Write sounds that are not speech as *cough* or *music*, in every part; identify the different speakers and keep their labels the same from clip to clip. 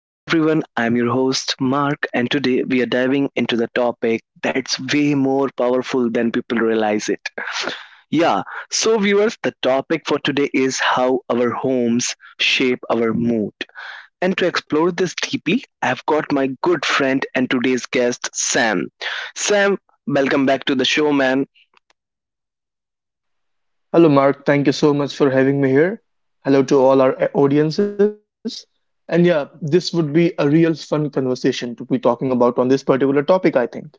Speaker 1: Hey, everyone, I'm your host, Mark, and today we are diving into the topic that's way more powerful than people realize it. Yeah, so, viewers, the topic for today is how our homes shape our mood. And to explore this deeply, I've got my good friend and today's guest, Sam. Sam, welcome back to the show, man.
Speaker 2: Hello, Mark. Thank you so much for having me here. Hello to all our audiences. And yeah, this would be a real fun conversation to be talking about on this particular topic, I think.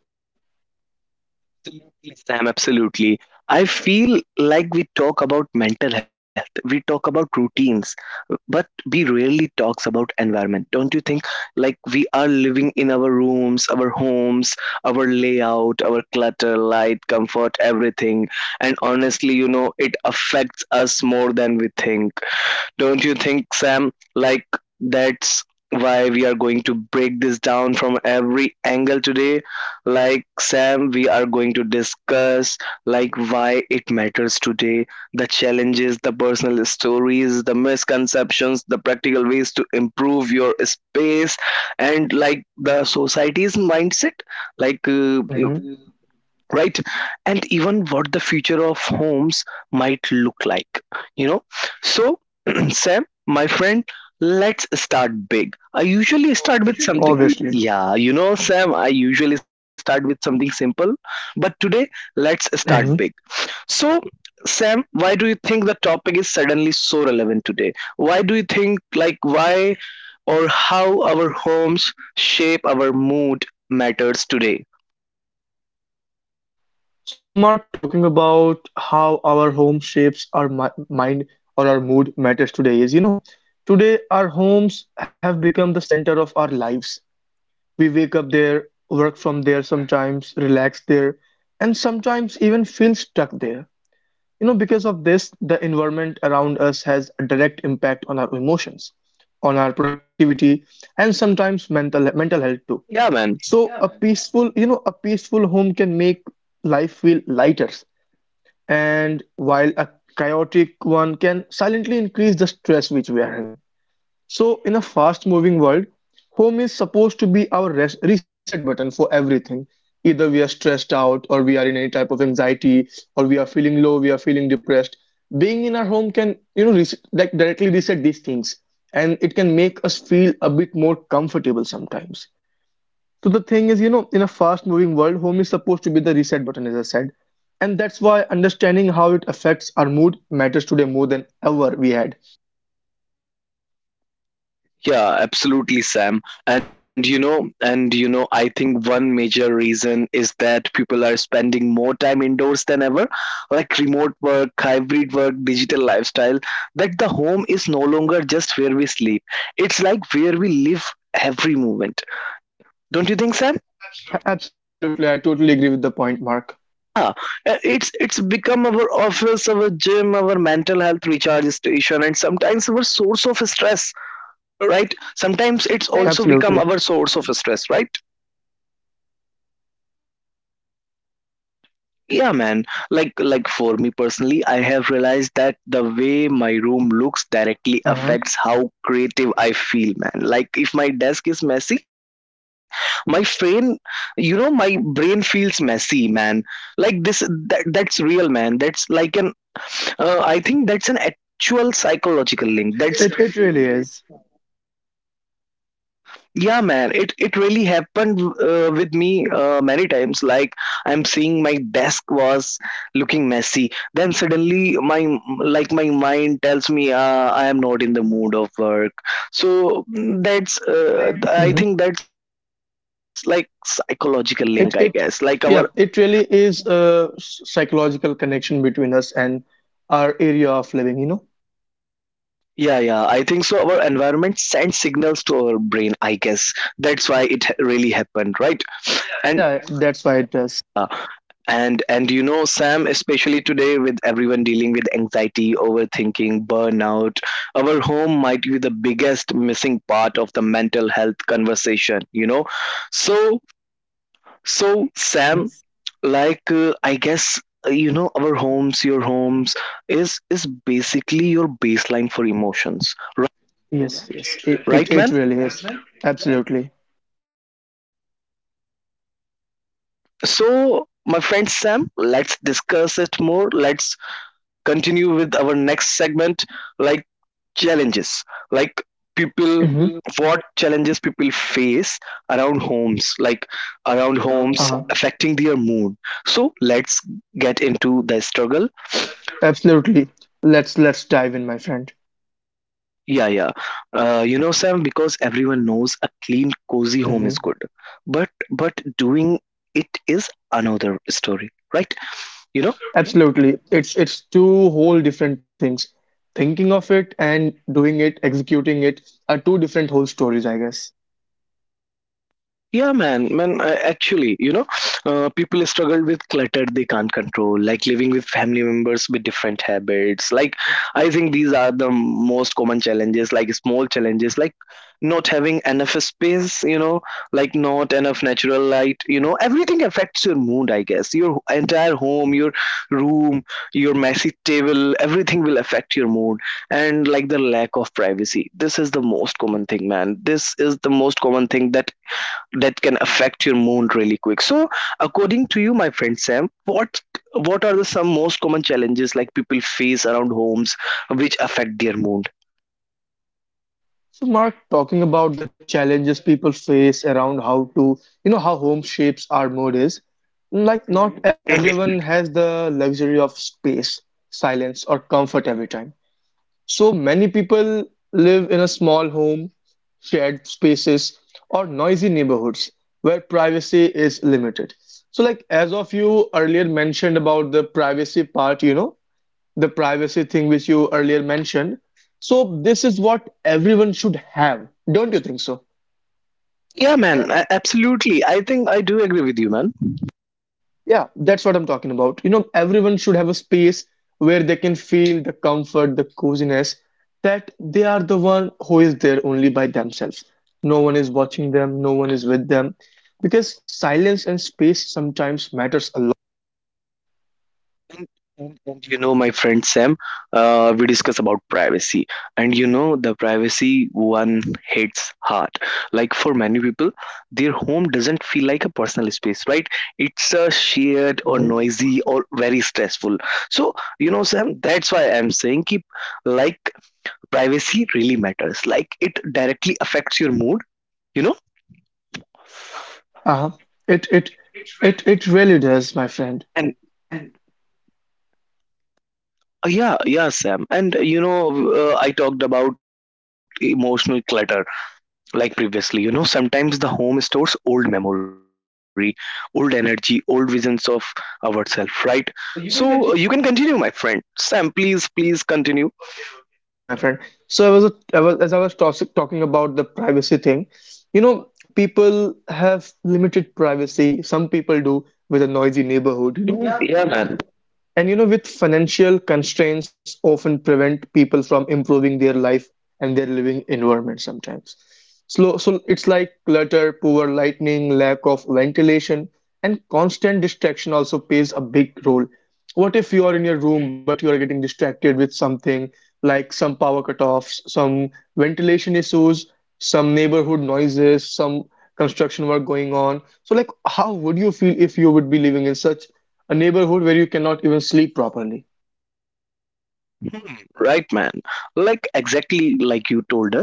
Speaker 1: Absolutely, Sam, absolutely. I feel like we talk about mental health, we talk about routines, but we rarely talks about environment. Don't you think? Like we are living in our rooms, our homes, our layout, our clutter, light, comfort, everything. And honestly, you know, it affects us more than we think. Don't you think, Sam? Like, that's why we are going to break this down from every angle today. Like, Sam, we are going to discuss like why it matters today, the challenges, the personal stories, the misconceptions, the practical ways to improve your space, and like the society's mindset. Like, uh,
Speaker 2: hmm
Speaker 1: right. And even what the future of homes might look like, you know. So *clears throat* Sam, my friend, let's start big. I usually start with something.
Speaker 2: Obviously.
Speaker 1: Yeah, you know, Sam, I usually start with something simple, but today let's start big.
Speaker 2: hmm
Speaker 1: So Sam, why do you think the topic is suddenly so relevant today? Why do you think, like, why or how our homes shape our mood matters today?
Speaker 2: So, Mark, talking about how our home shapes our mind or our mood matters today is, you know, today our homes have become the center of our lives. We wake up there, work from there sometimes, relax there, and sometimes even feel stuck there. You know, because of this, the environment around us has a direct impact on our emotions, on our productivity, and sometimes mental health too.
Speaker 1: Yeah, man.
Speaker 2: So a peaceful, you know, a peaceful home can make life feel lighter, and while a chaotic one can silently increase the stress which we are having. So, in a fast moving world, home is supposed to be our reset button for everything. Either we are stressed out, or we are in any type of anxiety, or we are feeling low, we are feeling depressed. Being in our home can, you know, like directly reset these things, and it can make us feel a bit more comfortable sometimes. So, the thing is, you know, in a fast moving world, home is supposed to be the reset button, as I said. And that's why understanding how it affects our mood matters today more than ever we had.
Speaker 1: Yeah, absolutely, Sam. And you know, I think one major reason is that people are spending more time indoors than ever, like remote work, hybrid work, digital lifestyle, that the home is no longer just where we sleep. It's like where we live every moment. Don't you think, Sam?
Speaker 2: Absolutely, I totally agree with the point, Mark.
Speaker 1: Yeah, it's become our office, our gym, our mental health recharge station, and sometimes our source of stress, right? Sometimes
Speaker 2: Hmm.
Speaker 1: it's also become
Speaker 2: Absolutely.
Speaker 1: our source of stress, right?
Speaker 2: Yeah, sometimes I do agree with the point.
Speaker 1: Yeah, man. Like for me personally, I have realized that the way my room looks directly
Speaker 2: Uh-huh.
Speaker 1: affects how creative I feel, man. Like if my desk is messy, my brain my brain feels messy, man. Like that's real, man. That's like an I think that's an actual psychological link. That's —
Speaker 2: It really is.
Speaker 1: yeah, man. It really happened, with me many times. Like I'm seeing my desk was looking messy, then suddenly my — like my mind tells me, I am not in the mood of work. So that's —
Speaker 2: Hmm.
Speaker 1: I think that's like psychological link, I guess. Like our —
Speaker 2: It psychology. Yeah, it really is a psychological connection between us and our area of living, you know?
Speaker 1: yeah, yeah, I think so. Our environment sends signals to our brain, I guess. That's why it really happened, right?
Speaker 2: Yeah, that's why it does.
Speaker 1: Uh, and you know, Sam, especially today with everyone dealing with anxiety, overthinking, burnout, our home might be the biggest missing part of the mental health conversation, you know. So, so Sam,
Speaker 2: Hmm.
Speaker 1: like I guess, you know, our homes your homes is basically your baseline for emotions, right?
Speaker 2: Yes, yes. It it
Speaker 1: Right,
Speaker 2: it
Speaker 1: man.
Speaker 2: really is. Absolutely.
Speaker 1: So my friend Sam, let's discuss it more. Let's continue with our next segment, like challenges, like
Speaker 2: It
Speaker 1: people —
Speaker 2: hmm
Speaker 1: what challenges people face around homes, like around homes
Speaker 2: Uh-huh.
Speaker 1: affecting their mood. So let's get into the struggle.
Speaker 2: Absolutely. Let's dive in, my friend.
Speaker 1: Yeah, yeah. You know Sam, because everyone knows a clean cozy home is
Speaker 2: Mm-hmm.
Speaker 1: good, but doing it is another story, right? You know.
Speaker 2: Absolutely. It's two whole different things. Thinking of it and doing it, executing it are two different whole stories, I guess.
Speaker 1: Yeah, man, Actually, you know, people struggle with clutter they can't control, like living with family members with different habits. Like, I think these are the most common challenges, like small challenges, like not having enough space, you know, like not enough natural light, you know, everything affects your mood, I guess. Your entire home, your room, your messy table, everything will affect your mood. And like the lack of privacy. This is the most common thing, man. This is the most common thing that can affect your mood really quick. So, according to you, my friend Sam, what are the some most common challenges like people face around homes which affect their mood?
Speaker 2: So Mark, talking about the challenges people face around how to, you know, how home shapes our mood is, like not everyone has the luxury of space, silence, or comfort every time. So many people live in a small home, shared spaces, or noisy neighborhoods where privacy is limited. So, like as of you earlier mentioned about the privacy part, you know, the privacy thing which you earlier mentioned. So, this is what everyone should have, don't you think so?
Speaker 1: Yeah, man, absolutely. I think I do agree with you, man.
Speaker 2: Yeah, that's what I'm talking about. You know, everyone should have a space where they can feel the comfort, the coziness, that they are the one who is there only by themselves. No one is watching them, no one is with them. Because silence and space sometimes matters a lot.
Speaker 1: And, and you know, my friend Sam, we discuss about privacy, and you know, the privacy one hits hard. Like for many people, their home doesn't feel like a personal space, right? It's a shared or noisy or very stressful. So, you know, Sam, that's why I'm saying keep, like, privacy really matters. Like it directly affects your mood, you know?
Speaker 2: Uh, it it it really does, my friend.
Speaker 1: And yeah, yeah, Sam. And you know, I talked about emotional clutter, like previously, you know. Sometimes the home stores old memory, old energy, old visions of ourselves, right? So you can continue, my friend Sam. Please continue.
Speaker 2: *laughs* Okay, okay, okay, my friend. So I was as I was talking about the privacy thing. You know, people have limited privacy. Some people do with a noisy neighborhood.
Speaker 1: Mm.
Speaker 2: You know,
Speaker 1: Yeah, man.
Speaker 2: and you know, with financial constraints often prevent people from improving their life and their living environment sometimes. Slow, so it's like clutter, poor lighting, lack of ventilation, and constant distraction also plays a big role. What if you are in your room but you are getting distracted with something like some power cutoffs, some ventilation issues, some neighborhood noises, some construction work going on? So like how would you feel if you would be living in such a neighborhood where you cannot even sleep properly.
Speaker 1: Hmm, right, man. Like exactly like you told us,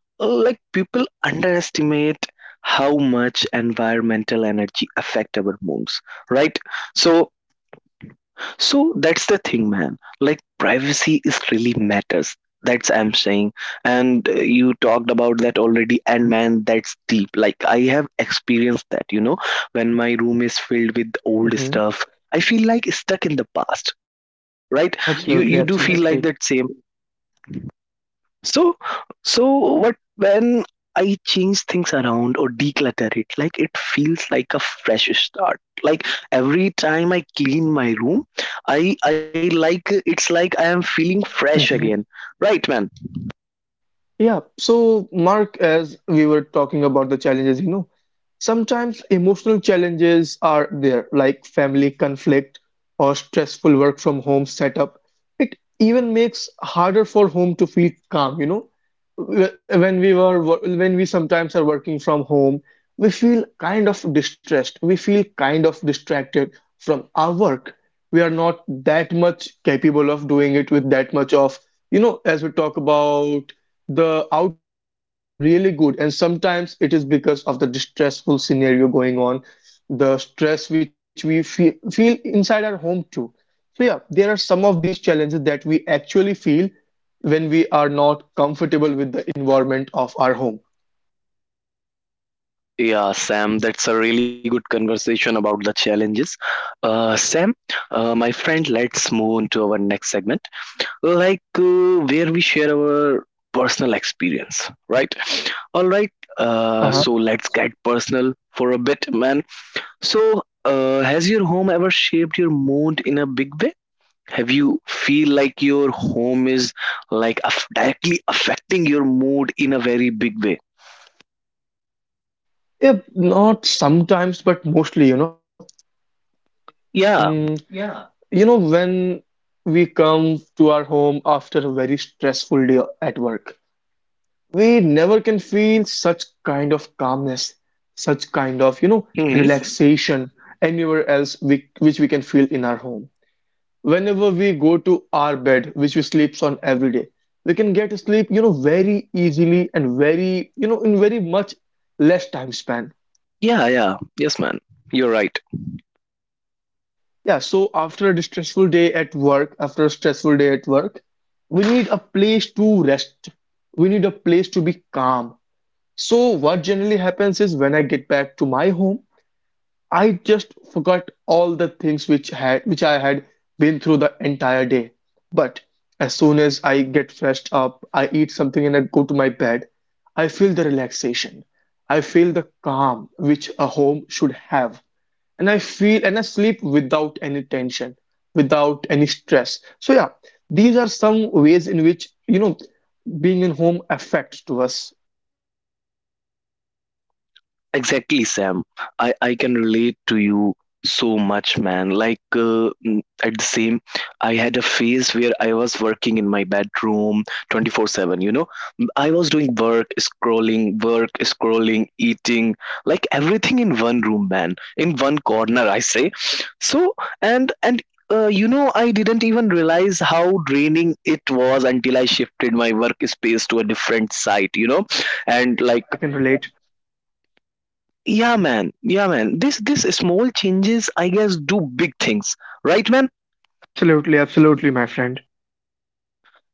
Speaker 1: like people underestimate how much environmental energy affect our moods, right? So, so that's the thing, man. Like privacy is really matters. That's I'm saying. And you talked about that already. And man, that's deep. Like I have experienced that. You know, when my room is filled with old
Speaker 2: Hmm.
Speaker 1: stuff, I feel like stuck in the past. Right? You do feel
Speaker 2: Absolutely,
Speaker 1: like that, same.
Speaker 2: absolutely.
Speaker 1: So so what when I change things around or declutter it, like it feels like a fresh start. Like every time I clean my room, I like — it's like I am feeling fresh again.
Speaker 2: Mhm.
Speaker 1: Right, man?
Speaker 2: Yeah, so Mark, as we were talking about the challenges, you know, sometimes emotional challenges are there, like family conflict or stressful work from home setup. It even makes harder for home to feel calm, you know. When we sometimes are working from home, we feel kind of distressed. We feel kind of distracted from our work. We are not that much capable of doing it with that much of, you know, as we talk about the outcomes are not really good and sometimes it is because of the distressful scenario going on the stress which we feel inside our home too, so yeah there are some of these challenges that we actually feel when we are not comfortable with the environment of our home.
Speaker 1: Yeah, Sam, that's a really good conversation about the challenges. Sam, my friend, let's move on to our next segment, like where we share our personal experience, right? All right,
Speaker 2: Uh-huh.
Speaker 1: so let's get personal for a bit, man. So has your home ever shaped your mood in a big way? Have you feel like your home is, like, aff directly affecting your mood in a very big way?
Speaker 2: Yeah, yeah not sometimes but mostly, you know.
Speaker 1: Yeah.
Speaker 2: Mm, you know when we come to our home after a very stressful day at work, we never can feel such kind of calmness, such kind of, you know,
Speaker 1: Hmm.
Speaker 2: relaxation anywhere else we, which we can feel in our home. Whenever we go to our bed, which we sleeps on every day, we can get sleep, you know, very easily and very, you know, in very much less time span.
Speaker 1: Yeah, yeah, yes, man. You're right.
Speaker 2: Yeah, so after a stressful day at work, after a stressful day at work, we need a place to rest. We need a place to be calm. So what generally happens is when I get back to my home, I just forgot all the things which had which I had been through the entire day. But as soon as I get freshed up, I eat something and I go to my bed, I feel the relaxation. I feel the calm which a home should have. And I feel and I sleep without any tension, without any stress. So yeah, these are some ways in which, you know, being in home affects to us.
Speaker 1: Exactly, Sam. I can relate to you so much, man. Like, at the same, I had a phase where I was working in my bedroom 24/7. You know, I was doing work, scrolling, eating, like everything in one room, man, in one corner, I say. So, and, and, you know, I didn't even realize how draining it was until I shifted my workspace to a different site, you know, and
Speaker 2: Yeah,
Speaker 1: like —
Speaker 2: I can relate.
Speaker 1: yeah, man. Yeah, man. This small changes, I guess, do big things, right, man?
Speaker 2: Absolutely, absolutely, my friend.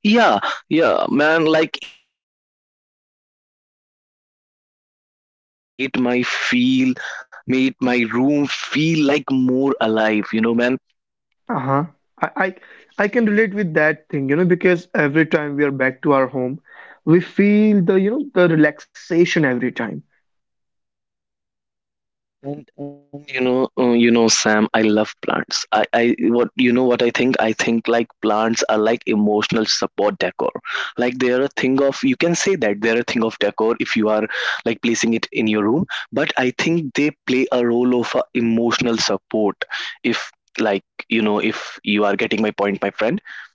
Speaker 1: Yeah, yeah, man. Like even even sometimes or something like getting a plant made my feel made my room feel like more alive. You know, man.
Speaker 2: Uh-huh. I, I I can relate with that thing, you know, because every time we are back to our home, we feel the, you know, the relaxation every time.
Speaker 1: And you know, Sam, I love plants. What you know, what I think. I think like plants are like emotional support decor. Like they're a thing of — you can say that they're a thing of decor if you are like placing it in your room. But I think they play a role of emotional support. If, like, you know, if you are getting my point, my friend.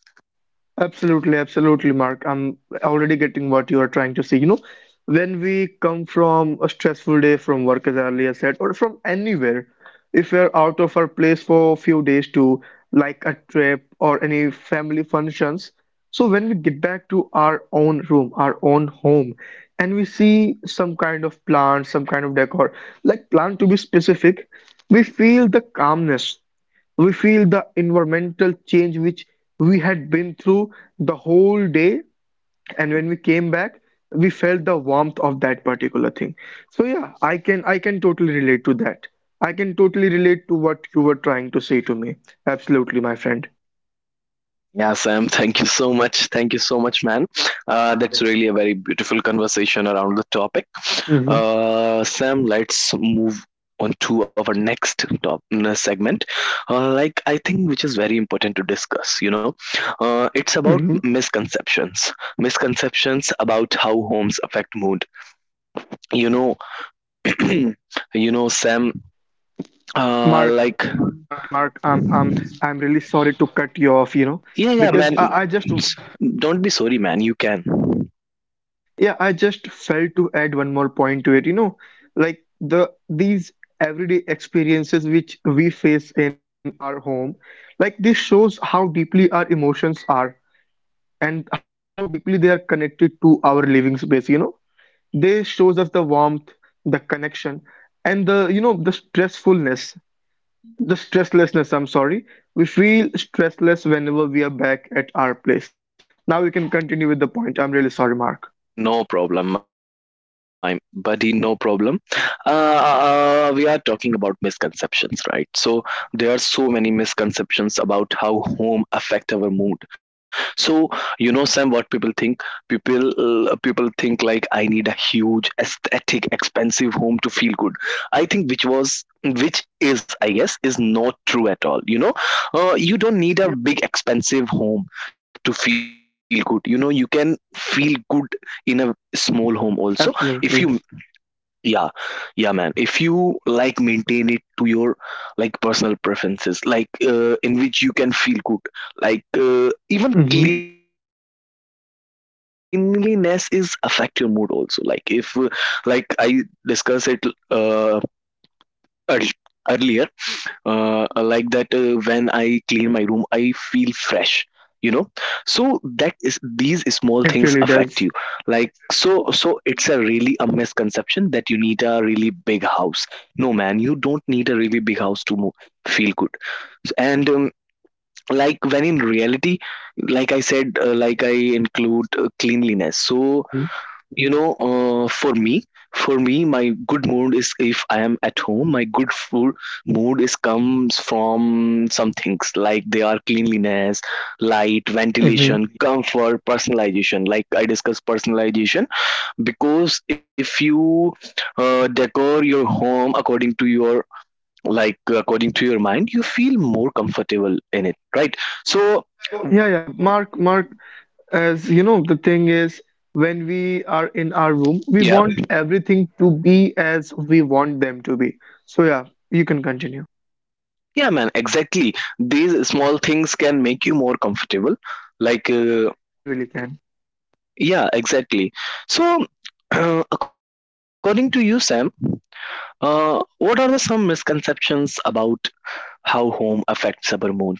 Speaker 2: Absolutely, absolutely, Mark. I'm already getting what you are trying to say. You know, when we come from a stressful day from work, as I earlier said, or from anywhere, if we're out of our place for a few days to like a trip or any family functions, so when we get back to our own room, our own home, and we see some kind of plant, some kind of decor, like plant to be specific, we feel the calmness, we feel the environmental change which we had been through the whole day, and when we came back, we felt the warmth of that particular thing. So yeah, I can totally relate to that. I can totally relate to what you were trying to say to me. Absolutely, my friend.
Speaker 1: Yeah, Sam, thank you so much. Thank you so much, man. That's really a very beautiful conversation around the topic.
Speaker 2: hmm
Speaker 1: Sam, let's move on to our next segment. Like, I think which is very important to discuss, you know, it's about
Speaker 2: hmm
Speaker 1: misconceptions. Misconceptions about how homes affect mood. You know, *clears throat* you know, Sam, like,
Speaker 2: Mark, I'm really sorry to cut you off, you know,
Speaker 1: yeah, yeah,
Speaker 2: because
Speaker 1: man.
Speaker 2: I just.
Speaker 1: Don't be sorry, man. You can.
Speaker 2: Yeah, I just felt to add one more point to it, you know, like the these everyday experiences which we face in our home, like this shows how deeply our emotions are and how deeply they are connected to our living space, you know. They shows us the warmth, the connection, and the you know the stressfulness, the stresslessness, I'm sorry. We feel stressless whenever we are back at our place. Now you can continue with the point. I'm really sorry, Mark.
Speaker 1: No problem, my buddy. No problem. Uh, we are talking about misconceptions, right? So there are
Speaker 2: hmm
Speaker 1: so many misconceptions about how home affect our mood. So you know, Sam, what people think? People think like I need a huge, aesthetic, expensive home to feel good. I think which is I guess is not true at all, you know. You don't need a big
Speaker 2: hmm
Speaker 1: expensive home to feel good, you know. You can feel good in a small home also if you,
Speaker 2: Absolutely.
Speaker 1: yeah, yeah, man, if you like maintain it to your like personal preferences, like in which you can feel good. Like even
Speaker 2: hmm
Speaker 1: cleanliness is affect your mood also, like if like I discussed it, uh, earl- earlier, like that, when I clean my room I feel fresh, you know. So that is, these small things affect you, like
Speaker 2: It
Speaker 1: so
Speaker 2: really
Speaker 1: so
Speaker 2: does.
Speaker 1: it's a really a misconception that you need a really big house. No, man, you don't need a really big house to move feel good. And like when in reality, like I said, like I include cleanliness. So
Speaker 2: hmm
Speaker 1: you know, for me, my good mood is if I am at home, my good food mood is comes from some things like they are cleanliness, light,
Speaker 2: hmm
Speaker 1: ventilation, comfort, personalization, like I discussed personalization. Because if you decor your home according to your like according to your mind, you feel more comfortable in it, right? So
Speaker 2: Yeah, yeah. Mark, as you know, the thing is, when we are in our room, we
Speaker 1: yeah.
Speaker 2: want everything to be as we want them to be. So, yeah, you can continue.
Speaker 1: Yeah, man, exactly. These small things can make you more comfortable. Like,
Speaker 2: They really can.
Speaker 1: yeah, exactly. So, *clears throat* according to you, Sam, what are the some misconceptions about how home affects our mood, man?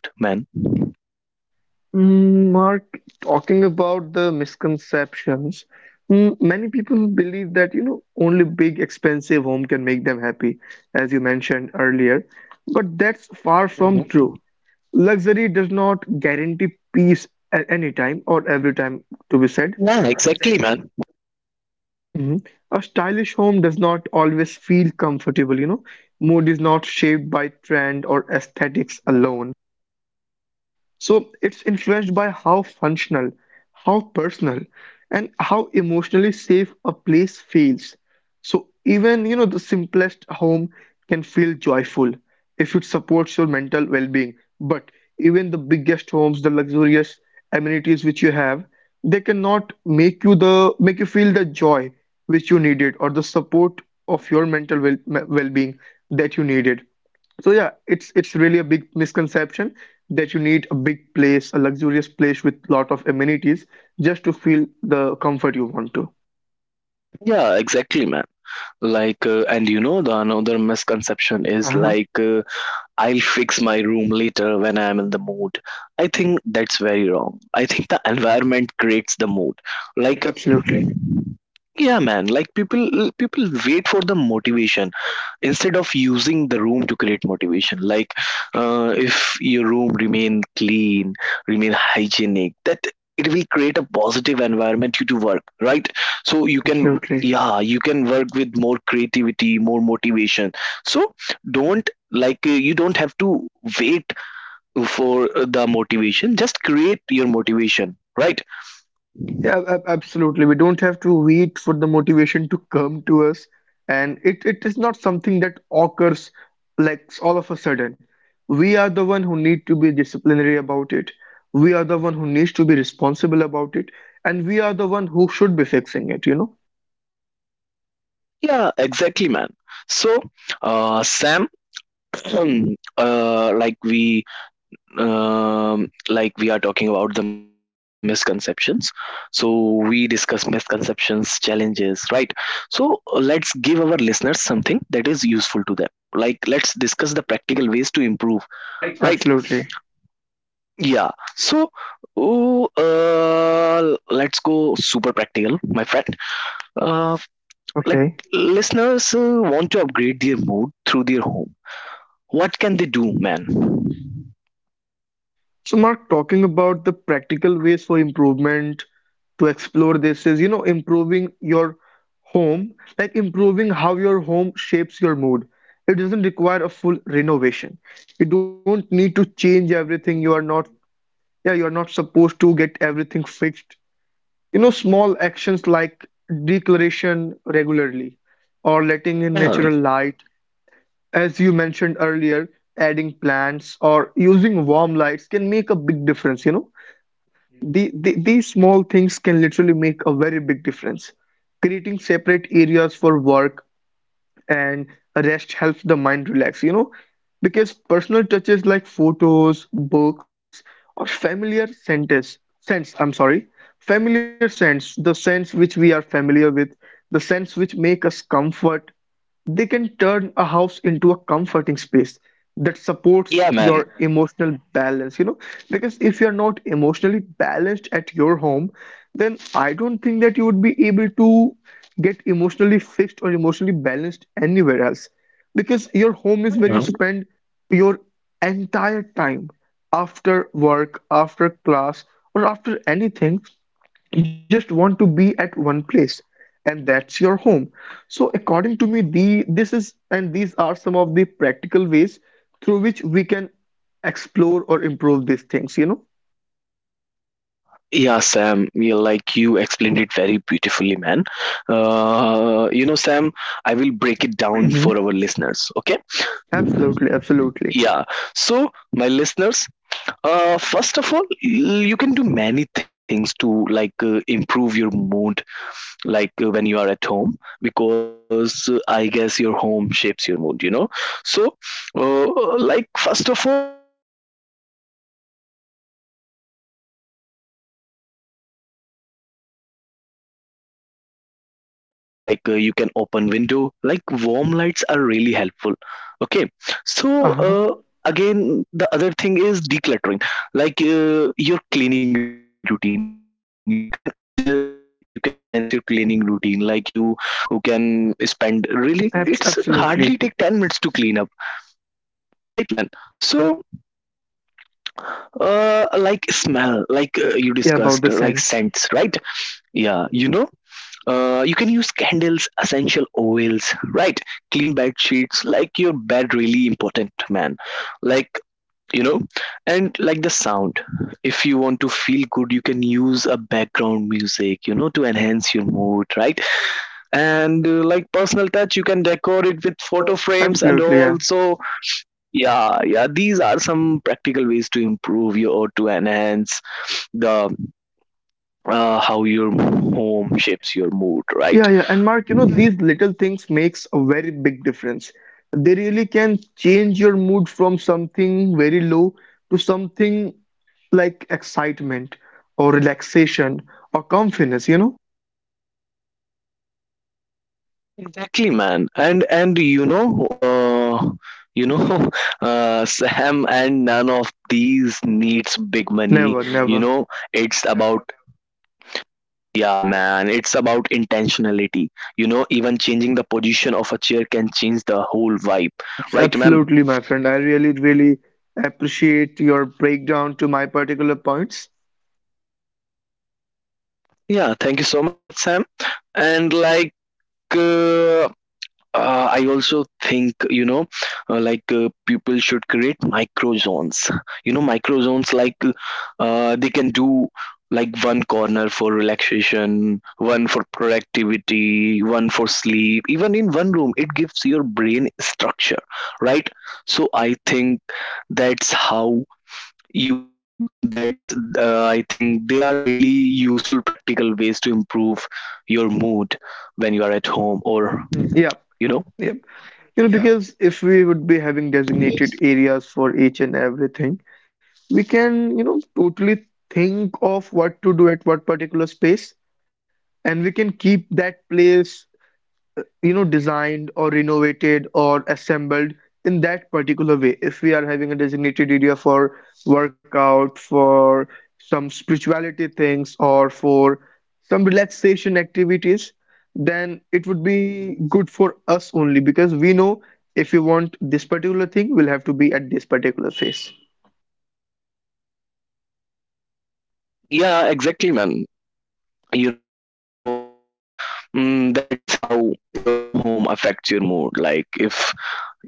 Speaker 2: Mm, Mark, talking about the misconceptions, mm, many people believe that, you know, only big, expensive home can make them happy, as you mentioned earlier. But that's far
Speaker 1: Mhm.
Speaker 2: from true. Luxury does not guarantee peace at any time or every time, to be said.
Speaker 1: Yeah, exactly, man.
Speaker 2: Mhm. A stylish home does not always feel comfortable, you know. Mood is not shaped by trend or aesthetics alone. So it's influenced by how functional, how personal, and how emotionally safe a place feels. So even you know the simplest home can feel joyful if it supports your mental well-being. But even the biggest homes, the luxurious amenities which you have, they cannot make you the make you feel the joy which you needed or the support of your well-being that you needed. So yeah, it's really a big misconception that you need a big place, a luxurious place with lot of amenities just to feel the comfort you want to.
Speaker 1: Yeah, exactly, man. Like, and you know the another misconception is
Speaker 2: Uh-huh.
Speaker 1: like, I'll fix my room later when I am in the mood. I think that's very wrong. I think the environment creates the mood. Like,
Speaker 2: Absolutely.
Speaker 1: yeah, man, like people wait for the motivation instead of using the room to create motivation. Like, if your room remain clean, remain hygienic, that it will create a positive environment you to work, right? So you can,
Speaker 2: Absolutely.
Speaker 1: yeah, you can work with more creativity, more motivation. So don't, like, you don't have to wait for the motivation, just create your motivation, right?
Speaker 2: Yeah, absolutely. We don't have to wait for the motivation to come to us, and it is not something that occurs like all of a sudden. We are the one who need to be disciplinary about it. We are the one who needs to be responsible about it, and we are the one who should be fixing it, you know?
Speaker 1: Yeah, exactly, man. So, Sam, *clears throat* like we, like we are talking about the misconceptions. So we discuss misconceptions, challenges, right? So let's give our listeners something that is useful to them. Like, let's discuss the practical ways to improve, right?
Speaker 2: Absolutely.
Speaker 1: Yeah. So, oh, let's go super practical, my friend. Uh, like,
Speaker 2: Okay.
Speaker 1: listeners want to upgrade their mood through their home. What can they do, man?
Speaker 2: So, Mark, talking about the practical ways for improvement to explore this is, you know, improving your home, like improving how your home shapes your mood. It doesn't require a full renovation. You don't need to change everything. You are not,
Speaker 1: Mhm.
Speaker 2: yeah, you are not supposed to get everything fixed. You know, small actions like declaration regularly or letting
Speaker 1: Yeah,
Speaker 2: in natural light. As you mentioned earlier, adding plants or using warm lights can make a big difference, you know. These small things can literally make a very big difference. Creating separate areas for work and rest helps the mind relax, you know, because personal touches like photos, books, or familiar scents, the scents which we are familiar with, the scents which make us comfort, they can turn a house into a comforting space that supports
Speaker 1: yeah,
Speaker 2: your
Speaker 1: man.
Speaker 2: emotional balance, you know, because if you're not emotionally balanced at your home, then I don't think that you would be able to get emotionally fixed or emotionally balanced anywhere else, because your home is where you
Speaker 1: Uh,
Speaker 2: spend your entire time after work, after class, or after anything. You just want to be at one place, and that's your home. So according to me, the this is and these are some of the practical ways through which we can explore or improve these things, you know.
Speaker 1: yeah, Sam, you explained it very beautifully, man. You know, Sam, I will break it
Speaker 2: Mhm.
Speaker 1: down for our listeners, okay?
Speaker 2: Absolutely, absolutely.
Speaker 1: Yeah. So, my listeners, first of all, you can do many things to like, improve your mood, like, when you are at home, because I guess your home shapes your mood, you know. So like first of all, light really affects your mood. Like, you can adjust it according to you, man. If you like warm lights, use warm light. If you like, you can open window, like warm lights are really helpful, okay? So
Speaker 2: Uh-huh.
Speaker 1: again the other thing is decluttering, like, your cleaning routine you can adjust, like you can enhance your cleaning routine, like you who can spend really, it's hardly take 10
Speaker 2: Absolutely.
Speaker 1: minutes to clean up, right, man? So like smell, like, you
Speaker 2: Yeah, about
Speaker 1: discussed,
Speaker 2: the
Speaker 1: like
Speaker 2: sense.
Speaker 1: scents, right? Yeah, you know, you can use candles, essential oils, right? Clean bed sheets, like your bed really important, man. Like, you know, and like the sound, if you want to feel good you can use a background music, you know, to enhance your mood, right? And like personal touch, you can decor it with photo frames and
Speaker 2: Absolutely.
Speaker 1: all.
Speaker 2: Yeah,
Speaker 1: So yeah, yeah, these are some practical ways to improve your or to enhance the how your home shapes your mood,
Speaker 2: yeah,
Speaker 1: right?
Speaker 2: yeah, and Mark, you know,
Speaker 1: Yeah.
Speaker 2: these little things makes a very big difference. They really can change your mood from something very low to something like excitement or relaxation or confidence, you know?
Speaker 1: Exactly, man. And you know, *laughs* Sam, and none of these needs big money.
Speaker 2: Never,
Speaker 1: You
Speaker 2: never.
Speaker 1: know, it's, yeah, about, yeah, man, it's about intentionality. You know, even changing the position of a chair can change the whole vibe, right, man?
Speaker 2: Absolutely, my friend. I really, really appreciate your breakdown to my particular points.
Speaker 1: Yeah, thank you so much, Sam. And like, uh, I also think, you know, people should create micro zones. You know, micro zones like, they can do like one corner for relaxation, one for productivity, one for sleep. Even in one room, it gives your brain structure, right? So I think that's how that's, I think they are really useful, practical ways to improve your mood when you are at home or
Speaker 2: Mm, yeah,
Speaker 1: you know.
Speaker 2: yeah. You know, because if we would be having designated areas for each and everything, we can, you know, totally think of what to do at what particular space, and we can keep that place, you know, designed or renovated or assembled in that particular way. If we are having a designated area for workout, for some spirituality things, or for some relaxation activities, then it would be good for us only, because we know if we want this particular thing we'll have to be at this particular phase.
Speaker 1: Yeah, exactly, man. You know, so that's how your home affects your mood. Like, if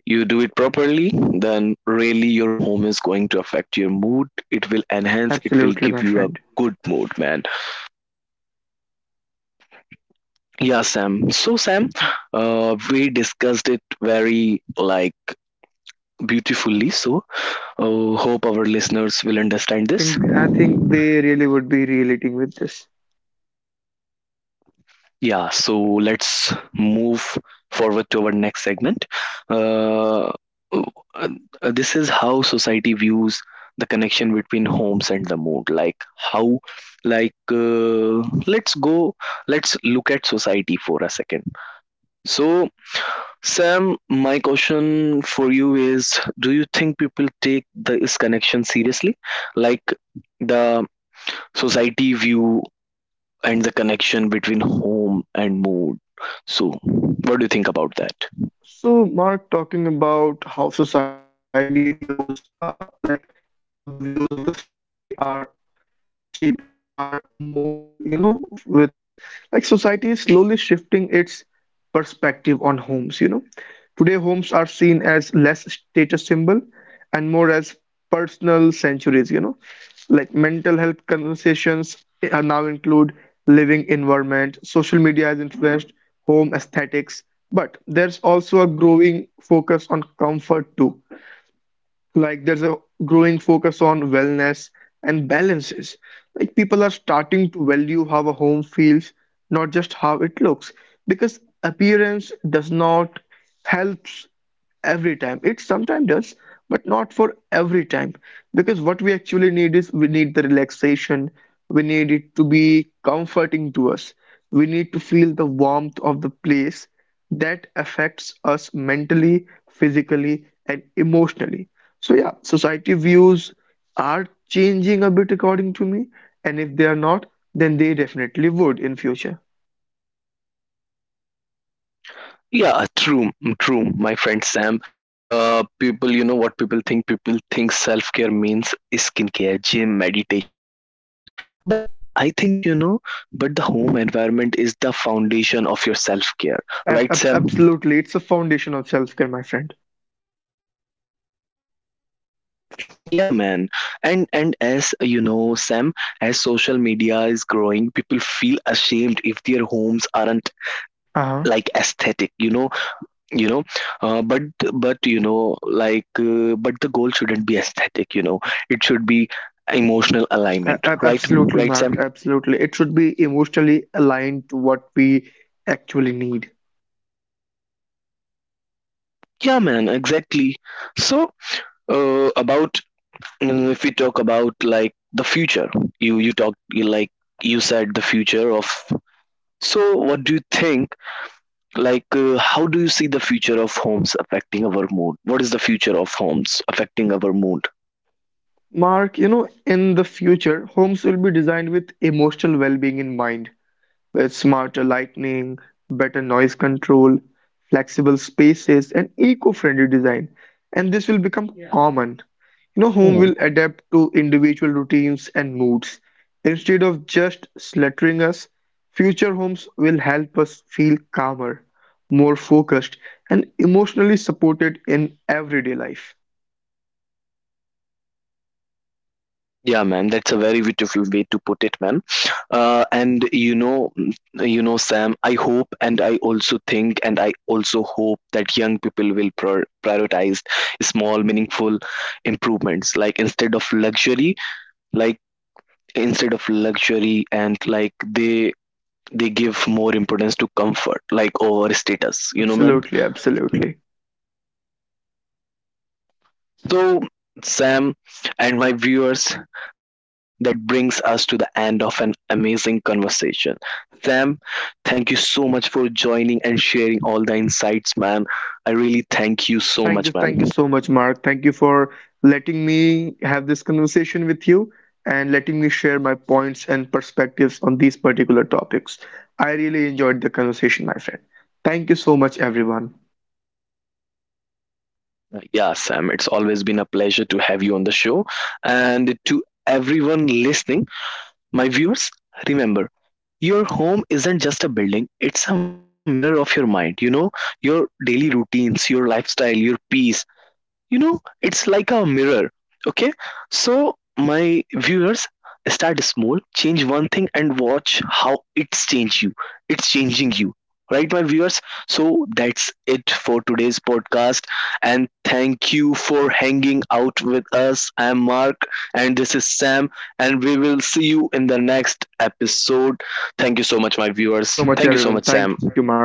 Speaker 1: you do it properly, then really your home is going to affect your mood. It will enhance, it will
Speaker 2: Absolutely,
Speaker 1: give
Speaker 2: my
Speaker 1: you a
Speaker 2: friend.
Speaker 1: good mood, man. Yeah, Sam. So, Sam, we discussed it very, like, beautifully. So, hope our listeners will
Speaker 2: Yeah,
Speaker 1: understand this.
Speaker 2: I think they really would be relating with this.
Speaker 1: Yeah, so let's move forward to our next segment. Uh, uh, this is how society views the connection between homes and the mood. Like how, like, let's go, let's look at society for a second. So, Sam, my question for you is: do you think people take this connection seriously? Like the society view and the connection between home and mood. So, what do you think about that?
Speaker 2: So, Mark, talking about how society views, like how the views of the society are shaping our mood, you know, with our homes. Like society is slowly shifting its perspective on homes, you know. Today, homes are seen as less status symbol and more as personal sanctuaries, you know. Like mental health conversations are now include living environment, social media has influenced home aesthetics, but there's also a growing focus on comfort too. Like there's a growing focus on wellness and balances. Like people are starting to value how a home feels, not just how it looks, because appearance does not helps every time. It sometimes does, but not for every time. Because what we actually need is we need the relaxation, we need it to be comforting to us, we need to feel the warmth of the place that affects us mentally, physically, and emotionally. So yeah, society views are changing a bit according to me, and if they are not, then they definitely would in future.
Speaker 1: Yeah, true, true. My friend Sam, people, you know what people think? People think self care means skincare, gym, meditation. But I think, you know, but the home environment is the foundation of your self care, right, Sam?
Speaker 2: Absolutely, it's a foundation of self-care, my friend.
Speaker 1: Yeah, man. And as you know, Sam, as social media is growing, people feel ashamed if their homes aren't
Speaker 2: Uh-huh.
Speaker 1: like aesthetic, you know, you know, uh, but but you know like, but the goal shouldn't be aesthetic, you know, it should be emotional alignment, right,
Speaker 2: Absolutely,
Speaker 1: right, Sam?
Speaker 2: Mark. Absolutely, it should be emotionally aligned to what we actually need.
Speaker 1: Yeah, man, exactly. So about, if we talk about like the future, you talked you like you said the future of, so what do you think, like, how do you see the future of homes affecting our mood? What is the future of homes affecting our mood?
Speaker 2: Mark, you know, in the future, homes will be designed with emotional well-being in mind, with smarter lighting, better noise control, flexible spaces, and eco-friendly design. And this will become common. You know,
Speaker 1: Mm.
Speaker 2: home will adapt to individual routines and moods. Instead of just slaughtering us, future homes will help us feel calmer, more focused, and emotionally supported in everyday life.
Speaker 1: Yeah, man, that's a very beautiful way to put it, man. And you know, Sam, I hope and I also think and I also hope that young people will prioritize small, meaningful improvements, like instead of luxury, like instead of luxury, and like they give more importance to comfort like over status, you know, man.
Speaker 2: Absolutely, absolutely.
Speaker 1: So, Sam and my viewers, that brings us to the end of an amazing conversation. Sam, thank you so much for joining and sharing all the insights, man. I really thank you so
Speaker 2: Thank you,
Speaker 1: much,
Speaker 2: thank you
Speaker 1: man.
Speaker 2: so much, Mark. Thank you for letting me have this conversation with you and letting me share my points and perspectives on these particular topics. I really enjoyed the conversation, my friend. Thank you so much, everyone.
Speaker 1: Yeah, Sam, it's always been a pleasure to have you on the show. And to everyone listening, my viewers, remember, your home isn't just a building, it's a mirror of your mind. You know, your daily routines, your lifestyle, your peace, you know, it's like a mirror, okay? So my viewers, start small, change one thing and watch how it's change you, it's changing you, right, my viewers? So that's it for today's podcast, and thank you for hanging out with us. I am Mark, and this is Sam, and we will see you in the next episode. Thank you so much, my
Speaker 2: Thank you
Speaker 1: viewers.
Speaker 2: so much,
Speaker 1: Thank you so
Speaker 2: everyone.
Speaker 1: much,
Speaker 2: Thank
Speaker 1: Sam.
Speaker 2: you, Mark.